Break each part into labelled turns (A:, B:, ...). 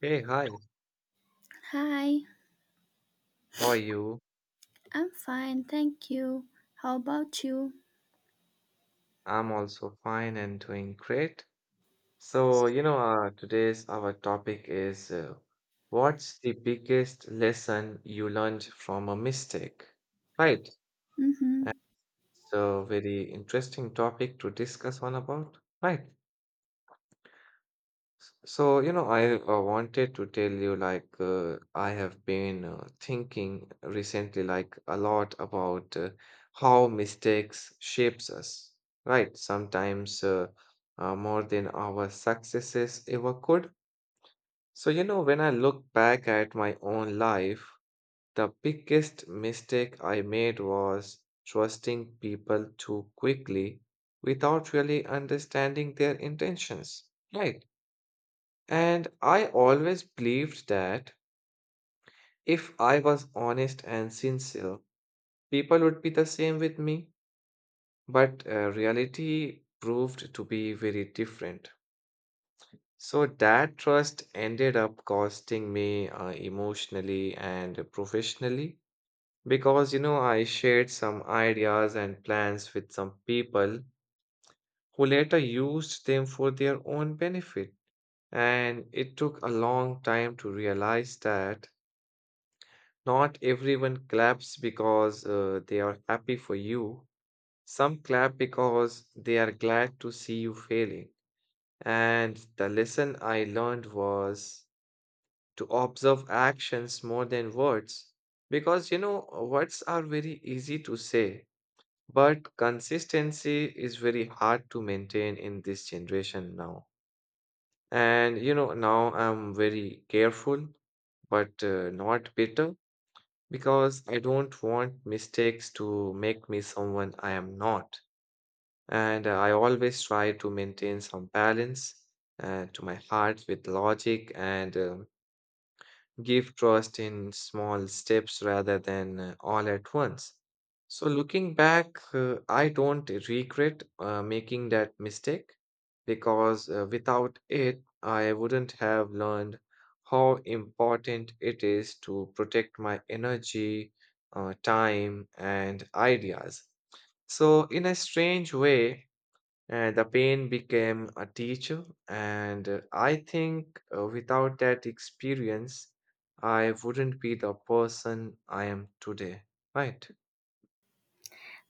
A: Hey, hi.
B: Hi,
A: How are you?
B: I'm fine, thank you. How about you?
A: I'm also fine and doing great. Today's our topic is what's the biggest lesson you learned from a mistake? Right. And
B: Mm-hmm.
A: it's a very interesting topic to discuss on about. Right. I wanted to tell you I have been thinking recently like a lot about how mistakes shapes us, right? Sometimes more than our successes ever could. When I look back at my own life, the biggest mistake I made was trusting people too quickly without really understanding their intentions, right? And I always believed that if I was honest and sincere, people would be the same with me. But reality proved to be very different. So that trust ended up costing me emotionally and professionally because, you know, I shared some ideas and plans with some people who later used them for their own benefit. And it took a long time to realize that. Not everyone claps because they are happy for you. Some clap because they are glad to see you failing. And the lesson I learned was to observe actions more than words. Because, you know, words are very easy to say, but consistency is very hard to maintain in this generation now. And, you know, now I'm very careful, but not bitter. Because I don't want mistakes to make me someone I am not. And I always try to maintain some balance to my heart with logic and give trust in small steps rather than all at once. So, looking back, I don't regret making that mistake because without it, I wouldn't have learned how important it is to protect my energy, time, and ideas. So, in a strange way, and the pain became a teacher. And I think without that experience, I wouldn't be the person I am today. Right?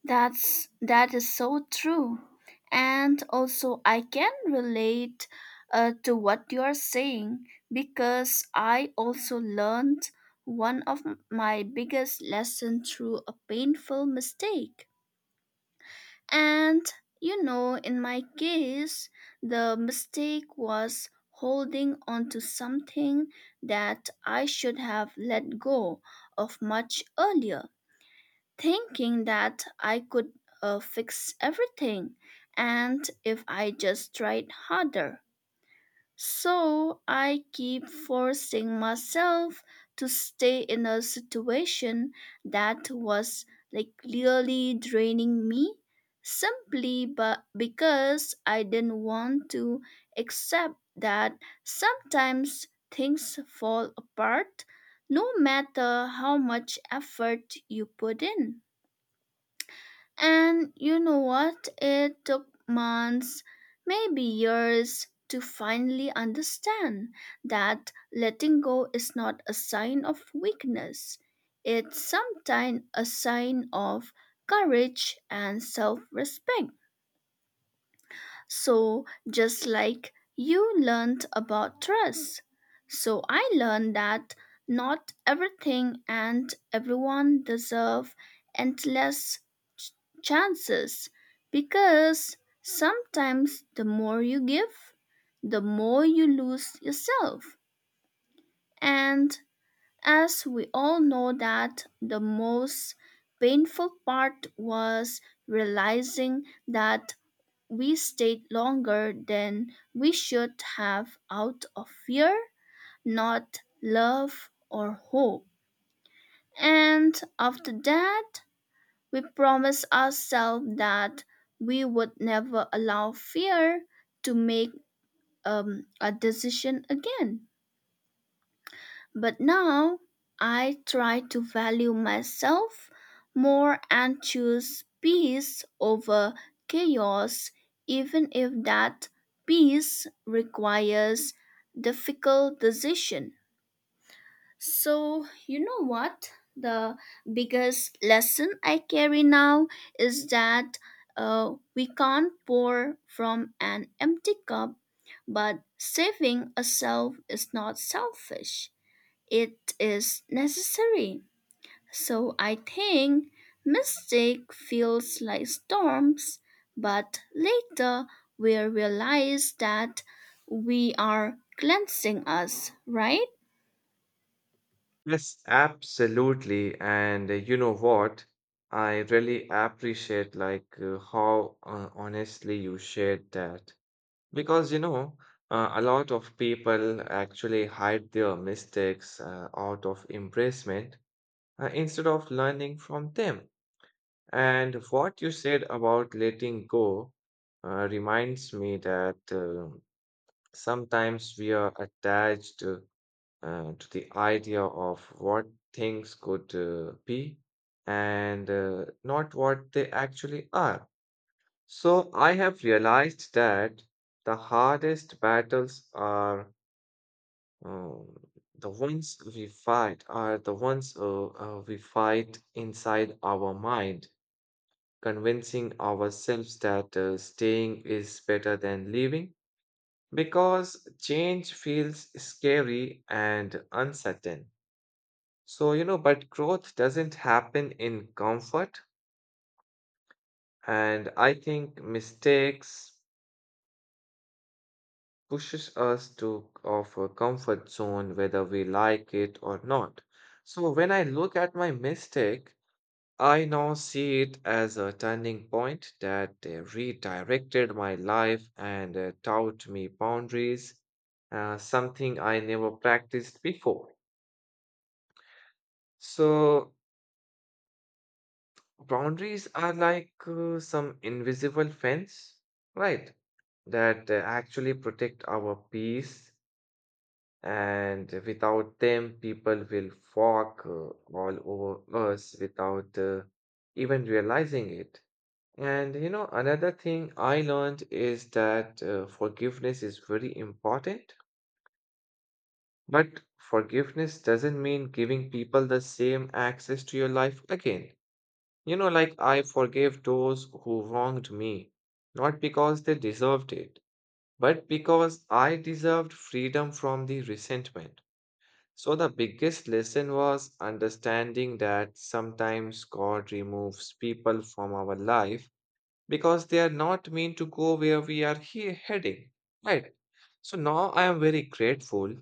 B: That is so true. And also I can relate to what you are saying because I also learned one of my biggest lesson through a painful mistake. And you know, in my case, the mistake was holding on to something that I should have let go of much earlier, thinking that I could fix everything and if I just tried harder. So I keep forcing myself to stay in a situation that was like clearly draining me simply but because I didn't want to accept that sometimes things fall apart no matter how much effort you put in. And you know what? It took months, maybe years, to finally understand that letting go is not a sign of weakness. It's sometimes a sign of courage and self respect. So, just like you learned about trust, so I learned that not everything and everyone deserve endless ch- chances because sometimes the more you give, the more you lose yourself. And as we all know that the most painful part was realizing that we stayed longer than we should have out of fear, not love or hope. And after that, we promised ourselves that we would never allow fear to make a decision again. But now I try to value myself more and choose peace over chaos, even if that peace requires difficult decision. So, you know what? The biggest lesson I carry now is that we can't pour from an empty cup, but saving a self is not selfish it is necessary. So I think mistake feels like storms, but later we'll realize that we are cleansing us, right?
A: Yes, absolutely. And you know what? I really appreciate how honestly you shared that. Because you know, a lot of people actually hide their mistakes out of embarrassment instead of learning from them. And what you said about letting go reminds me that sometimes we are attached to the idea of what things could be and not what they actually are. So I have realized that the hardest battles are um, the ones we fight, are the ones we fight inside our mind convincing ourselves that staying is better than leaving because change feels scary and uncertain. So, you know, but growth doesn't happen in comfort, and I think mistakes pushes us to of a comfort zone whether we like it or not. So when I look at my mistake, I now see it as a turning point that redirected my life and taught me boundaries, something I never practiced before. So, boundaries are like some invisible fence, right? That actually protect our peace. And without them, people will walk all over us without even realizing it. And you know, another thing I learned is that forgiveness is very important, but forgiveness doesn't mean giving people the same access to your life again. You know, like I forgave those who wronged me, not because they deserved it, but because I deserved freedom from the resentment. So, the biggest lesson was understanding that sometimes God removes people from our life because they are not meant to go where we are heading. Right. So, now I am very grateful,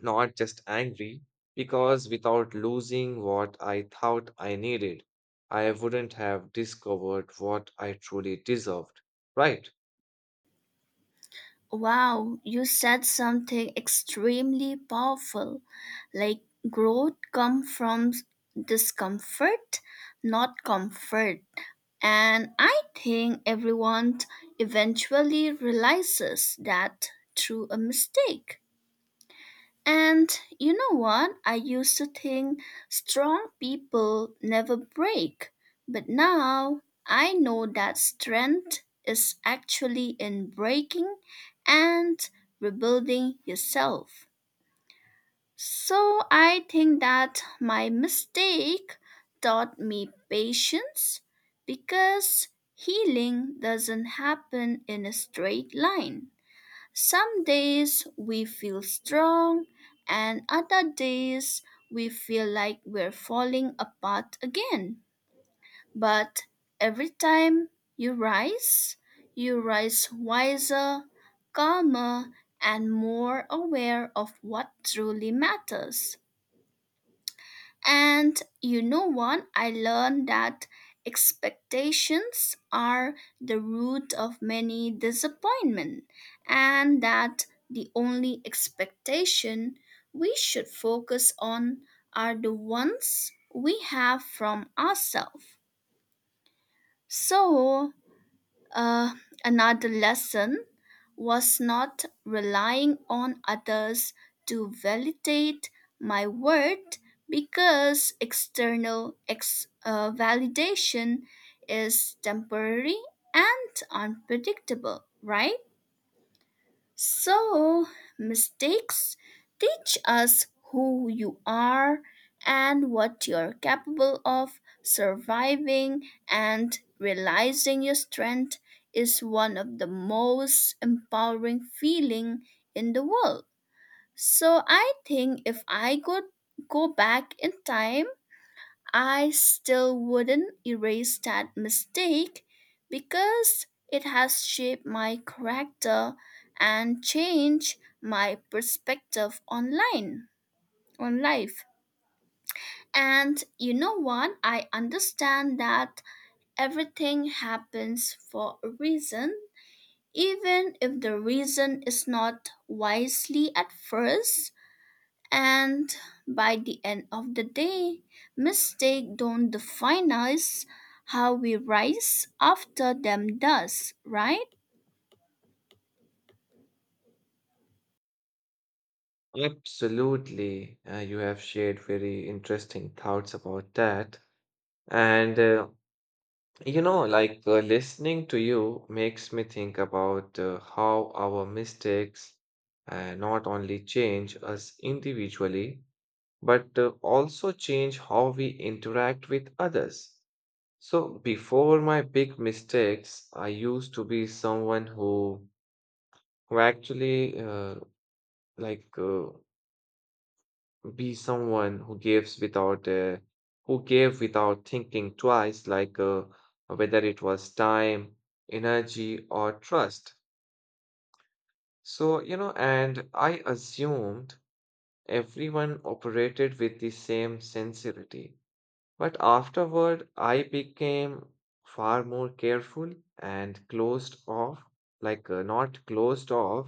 A: not just angry, because without losing what I thought I needed, I wouldn't have discovered what I truly deserved. Right.
B: Wow, you said something extremely powerful. Like growth comes from discomfort, not comfort. And I think everyone eventually realizes that through a mistake. And you know what? I used to think strong people never break, but now I know that strength is actually in breaking and rebuilding yourself. So I think that my mistake taught me patience because healing doesn't happen in a straight line. Some days we feel strong, and other days we feel like we're falling apart again. But every time you rise, you rise wiser, calmer, and more aware of what truly matters. And you know what? I learned that expectations are the root of many disappointment and that the only expectation we should focus on are the ones we have from ourselves. So, uh, another lesson was not relying on others to validate my worth because external validation is temporary and unpredictable, right? So, mistakes teach us who you are and what you're capable of. Surviving and realizing your strength is one of the most empowering feeling in the world. So, I think if I could go back in time I still wouldn't erase that mistake because it has shaped my character and changed my perspective on life. And you know what? I understand that everything happens for a reason, even if the reason is not wisely at first. And by the end of the day, mistakes don't define us. How we rise after them does, right?
A: Absolutely. You have shared very interesting thoughts about that. And you know, listening to you makes me think about how our mistakes not only change us individually, but also change how we interact with others. So, before my big mistakes, I used to be who actually like be someone who gives without who gave without thinking twice, whether it was time, energy, or trust. So, you know, and I assumed everyone operated with the same sincerity. But afterward, I became far more careful and closed off, not closed off,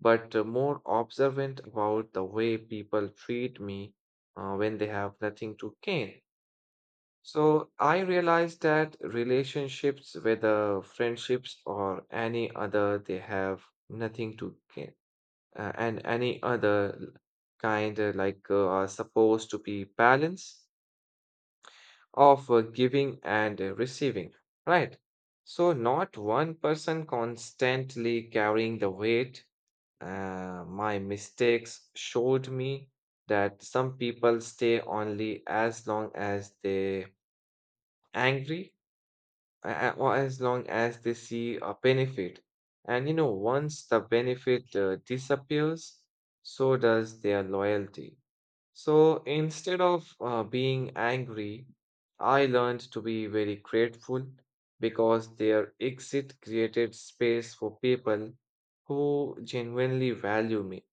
A: but more observant about the way people treat me when they have nothing to gain. So I realized that relationships, whether friendships or any other, they have nothing to gain, and any other kind are supposed to be balanced of giving and receiving, right? So, not one person constantly carrying the weight. My mistakes showed me that some people stay only as long as they angry or as long as they see a benefit. And you know, once the benefit disappears, so does their loyalty. So instead of being angry, I learned to be very grateful because their exit created space for people who genuinely value me.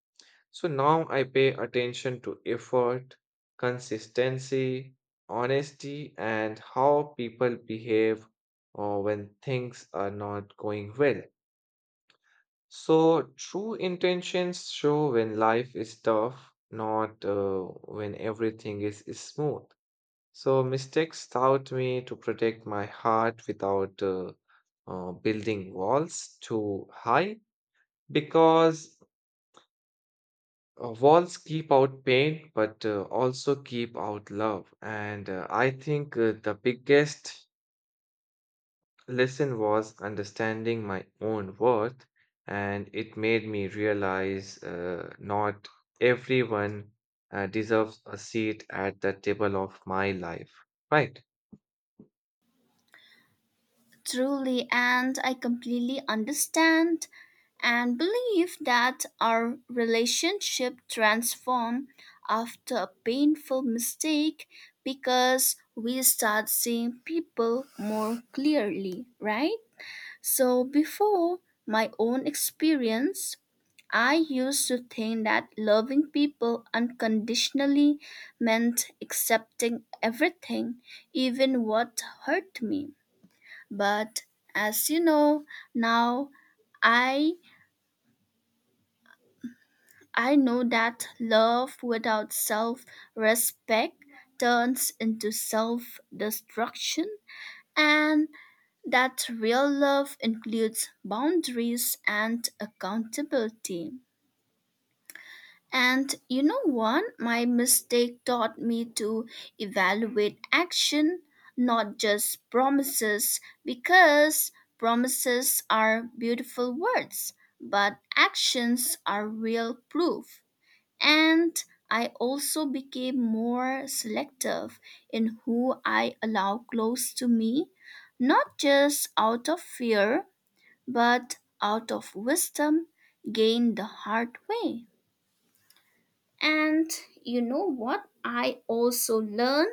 A: So now I pay attention to effort, consistency, honesty, and how people behave when things are not going well. So, true intentions show when life is tough, not when everything is smooth. So, mistakes taught me to protect my heart without building walls too high because walls keep out pain but also keep out love. And I think the biggest lesson was understanding my own worth, and it made me realize not everyone deserves a seat at the table of my life, right?
B: Truly, and I completely understand and believe that our relationship transform after a painful mistake because we start seeing people more clearly, right? So before my own experience, I used to think that loving people unconditionally meant accepting everything, even what hurt me. But as you know, now I I know that love without self-respect turns into self-destruction and that real love includes boundaries and accountability. And you know what? My mistake taught me to evaluate action, not just promises, because promises are beautiful words, but actions are real proof. And I also became more selective in who I allow close to me, not just out of fear but out of wisdom gained the hard way. And you know what? I also learned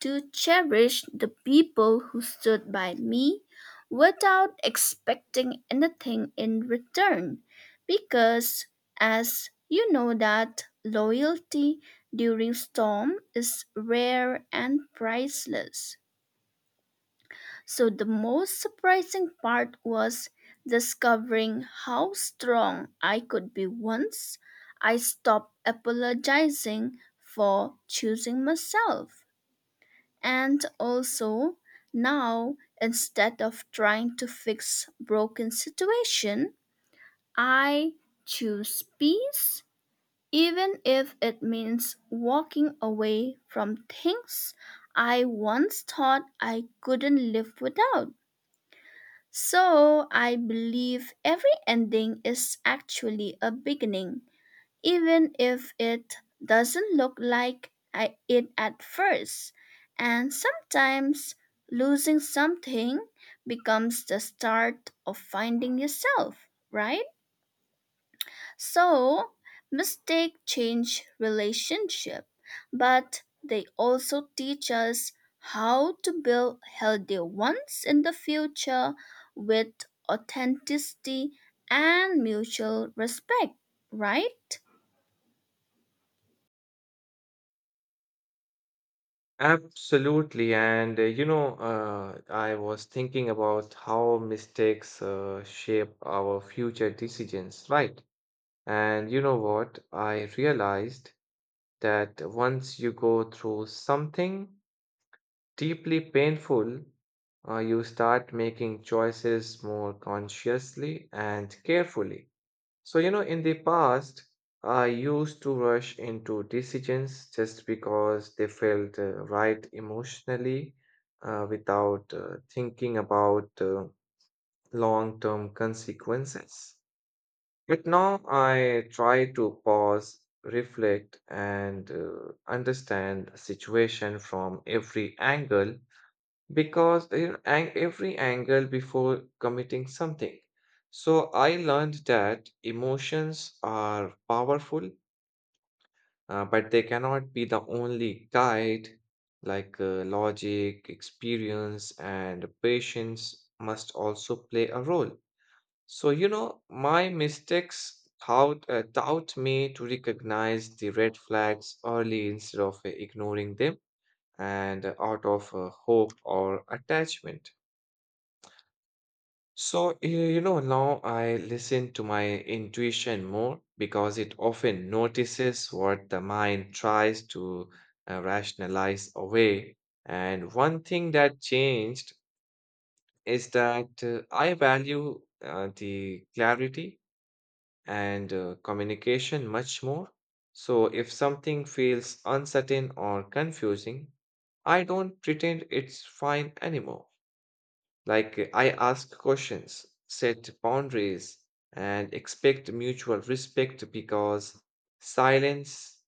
B: to cherish the people who stood by me without expecting anything in return because as you know that loyalty during storm is rare and priceless. So the most surprising part was discovering how strong I could be once I stopped apologizing for choosing myself. And also, now instead of trying to fix broken situation, I choose peace even if it means walking away from things I once thought I couldn't live without. So I believe every ending is actually a beginning, even if it doesn't look like it at first. And sometimes losing something becomes the start of finding yourself, right? So, mistakes change relationship, but they also teach us how to build healthy ones in the future with authenticity and mutual respect, right?
A: Absolutely. And you know, I was thinking about how mistakes shape our future decisions, right? And you know what? I realized that once you go through something deeply painful, you start making choices more consciously and carefully. So, you know, in the past, I used to rush into decisions just because they felt right emotionally without thinking about long term consequences. But now I try to pause, reflect, and understand the situation from every angle because you know, every angle before committing something. So I learned that emotions are powerful, but they cannot be the only guide. Logic, experience, and patience must also play a role. So, you know, my mistakes taught me to recognize the red flags early instead of ignoring them and out of hope or attachment. So, you know, now I listen to my intuition more because it often notices what the mind tries to rationalize away. And one thing that changed is that I value the clarity and communication much more. So, if something feels uncertain or confusing, I don't pretend it's fine anymore. Like, I ask questions, set boundaries, and expect mutual respect because silence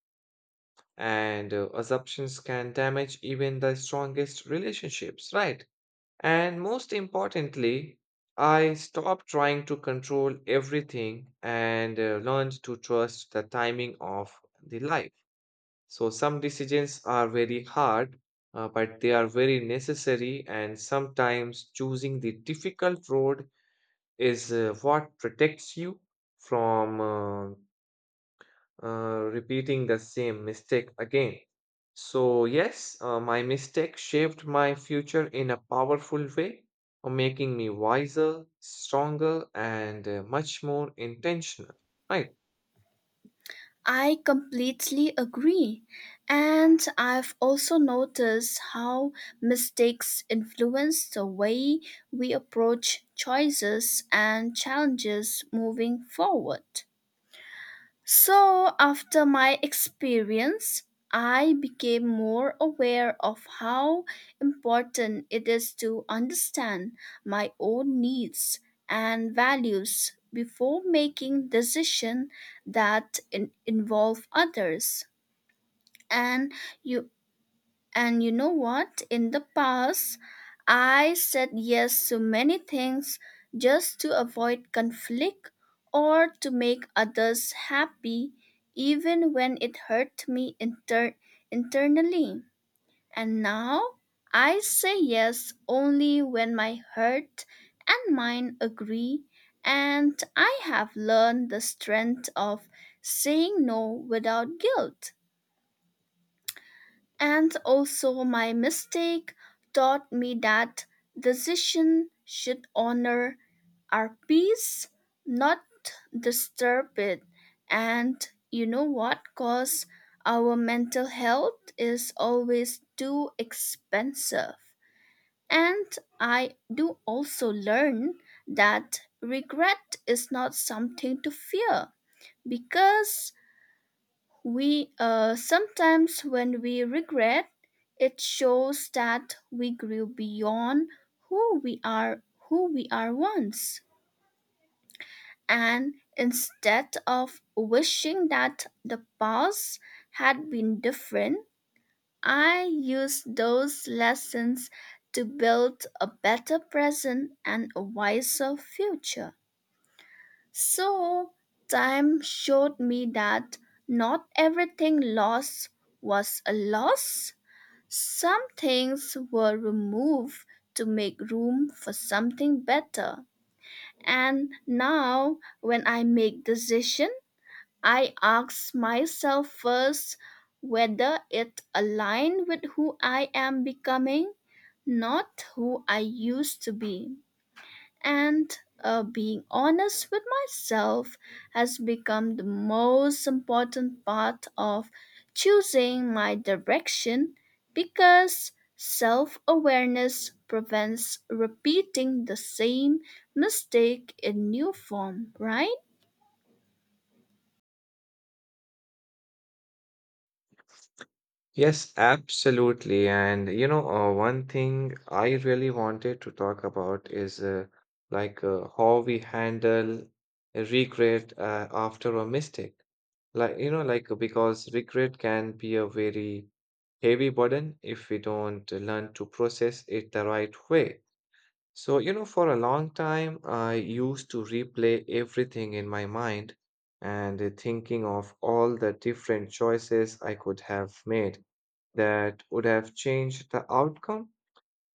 A: and assumptions can damage even the strongest relationships, right? And most importantly, I stopped trying to control everything and learned to trust the timing of the life. So, some decisions are very hard, but they are very necessary, and sometimes choosing the difficult road is what protects you from repeating the same mistake again. So, yes, my mistake shaped my future in a powerful way, making me wiser, stronger, and much more intentional. Right.
B: I completely agree. And I've also noticed how mistakes influence the way we approach choices and challenges moving forward. So, after my experience, I became more aware of how important it is to understand my own needs and values before making decisions that involve others. And you and you know what? In the past, I said yes to many things just to avoid conflict or to make others happy, even when it hurt me internally. And now I say yes only when my heart and mind agree, and I have learned the strength of saying no without guilt. And also, my mistake taught me that decision should honor our peace, not disturb it. And you know what? Cause our mental health is always too expensive. And I do also learn that regret is not something to fear because we sometimes when we regret, it shows that we grew beyond who we are who we are once. And instead of wishing that the past had been different, I use those lessons to build a better present and a wiser future. So, time showed me that not everything lost was a loss. Some things were removed to make room for something better. And now, when I make decision, I ask myself first whether it align with who I am becoming, not who I used to be and being honest with myself has become the most important part of choosing my direction because self awareness prevents repeating the same mistake in new form, right?
A: Yes, absolutely. And you know, one thing I really wanted to talk about is how we handle regret after a mistake. Like, you know, like because regret can be a very heavy burden if we don't learn to process it the right way. So, you know, for a long time, I used to replay everything in my mind and thinking of all the different choices I could have made that would have changed the outcome.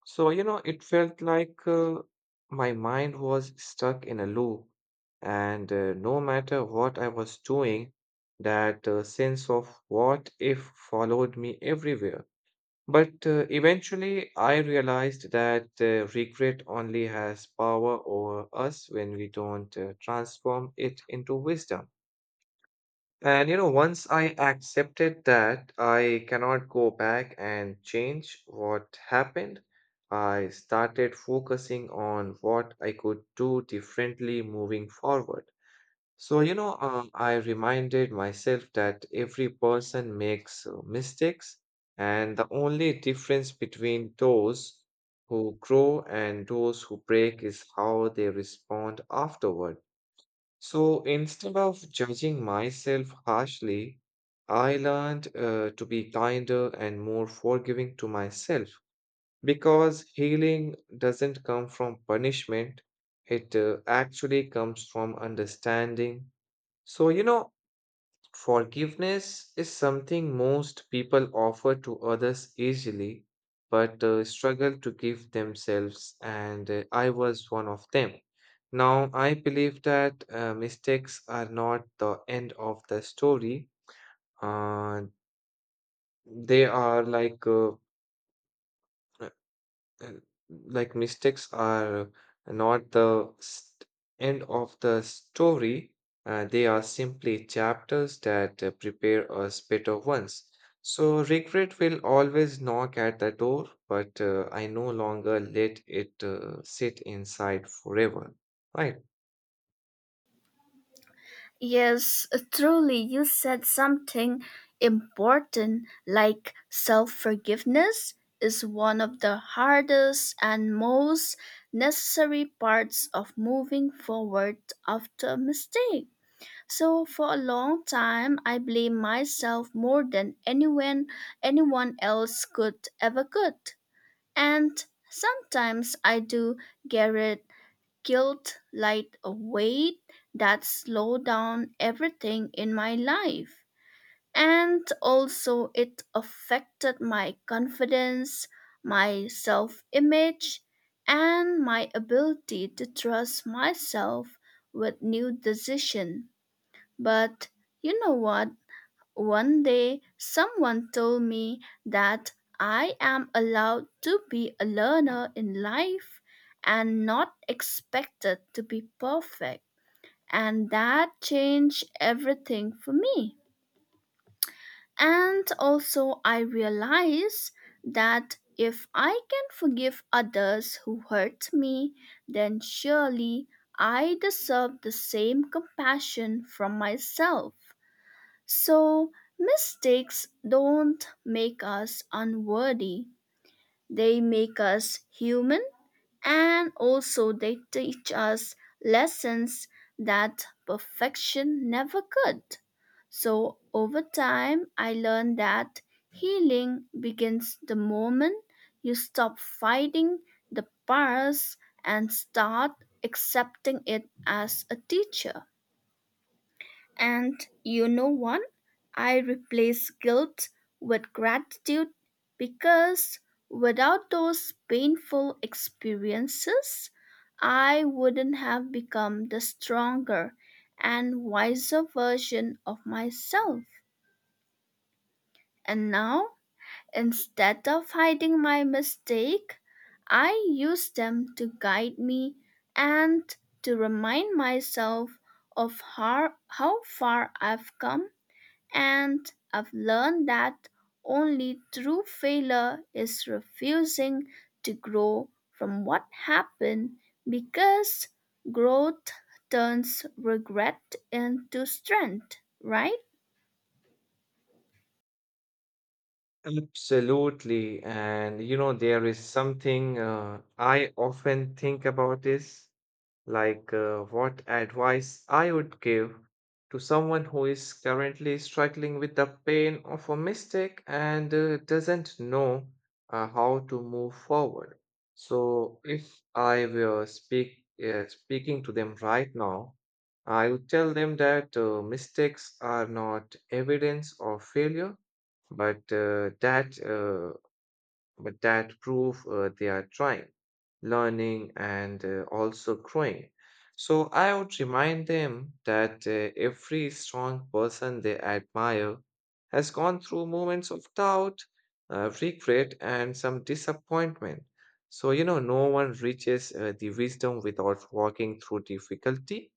A: So, you know, it felt like my mind was stuck in a loop, and no matter what I was doing, that sense of what if followed me everywhere. But eventually, I realized that regret only has power over us when we don't transform it into wisdom. And you know, once I accepted that I cannot go back and change what happened, I started focusing on what I could do differently moving forward. So, you know, I reminded myself that every person makes mistakes, and the only difference between those who grow and those who break is how they respond afterward. So instead of judging myself harshly, I learned to be kinder and more forgiving to myself because healing doesn't come from punishment, it actually comes from understanding. So, you know, forgiveness is something most people offer to others easily, but struggle to give themselves, and I was one of them. Now, I believe that mistakes are not the end of the story, uh, they are uh, like mistakes are not the st- end of the story. They are simply chapters that prepare us better ones. So regret will always knock at the door, but I no longer let it sit inside forever. Right.
B: Yes, truly, you said something important like self forgiveness is one of the hardest and most necessary parts of moving forward after a mistake. So for a long time I blame myself more than anyone else could ever could. And sometimes I do get it guilt like a weight that slowed down everything in my life. And also, it affected my confidence, my self image, and my ability to trust myself with new decisions. But you know what? One day, someone told me that I am allowed to be a learner in life and not expected to be perfect. And that changed everything for me. And also, I realized that if I can forgive others who hurt me, then surely I deserve the same compassion from myself. So, mistakes don't make us unworthy, they make us human, and also they teach us lessons that perfection never could. So, over time, I learned that healing begins the moment you stop fighting the past and start accepting it as a teacher. And you know what? I replace guilt with gratitude because without those painful experiences, I wouldn't have become the stronger and wiser version of myself. And now, instead of hiding my mistake, I use them to guide me and to remind myself of how far I've come and I've learned that only true failure is refusing to grow from what happened because growth turns regret into strength, right?
A: Absolutely. And you know, there is something I often think about this. Like what advice I would give to someone who is currently struggling with the pain of a mistake and doesn't know how to move forward. So, if I were speaking to them right now, I would tell them that mistakes are not evidence of failure, but uh, that uh, but that prove they are trying, learning, and also growing. So I would remind them that every strong person they admire has gone through moments of doubt, regret, and some disappointment. So, you know, no one reaches the wisdom without walking through difficulty.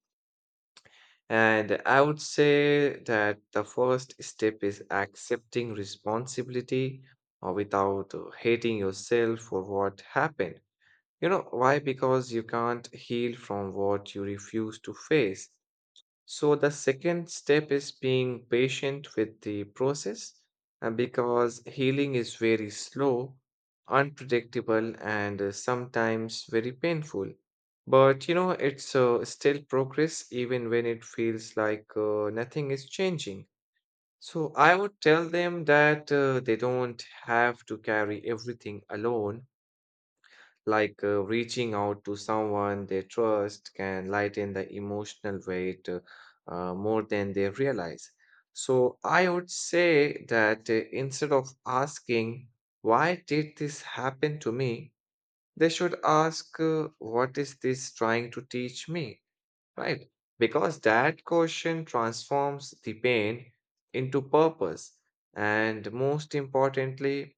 A: And I would say that the first step is accepting responsibility without hating yourself for what happened. You know, why? Because you can't heal from what you refuse to face. So the second step is being patient with the process because healing is very slow, unpredictable, and sometimes very painful. But you know, it's still progress even when it feels like nothing is changing. So I would tell them that they don't have to carry everything alone reaching out to someone they trust can lighten the emotional weight more than they realize. So I would say that instead of asking, why did this happen to me? They should ask, what is this trying to teach me? Right? Because that question transforms the pain into purpose. And most importantly,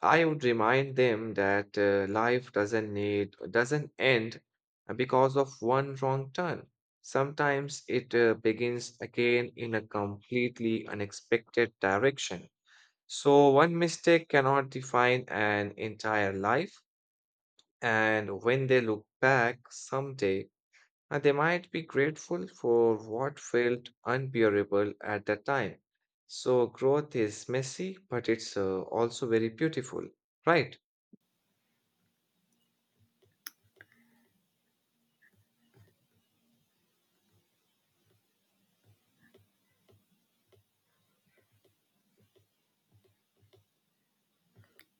A: I would remind them that life doesn't need doesn't end because of one wrong turn. Sometimes it begins again in a completely unexpected direction. So one mistake cannot define an entire life, and when they look back someday, they might be grateful for what felt unbearable at the time. So growth is messy, but it's also very beautiful, right?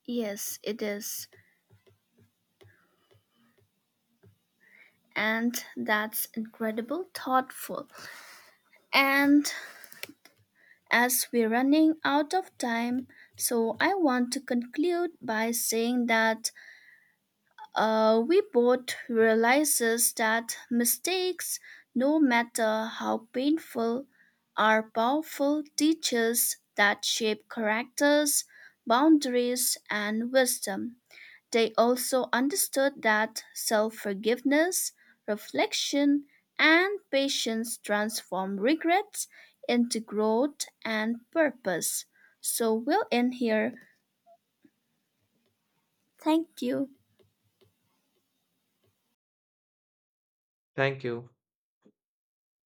B: Yes, it is. And that's incredible thoughtful. And as we're running out of time, so I want to conclude by saying that we both realizes that mistakes, no matter how painful, are powerful teachers that shape characters, boundaries, and wisdom. They also understood that self-forgiveness, reflection, and patience transform regrets into growth and purpose. So we'll end here. Thank you.
A: Thank you.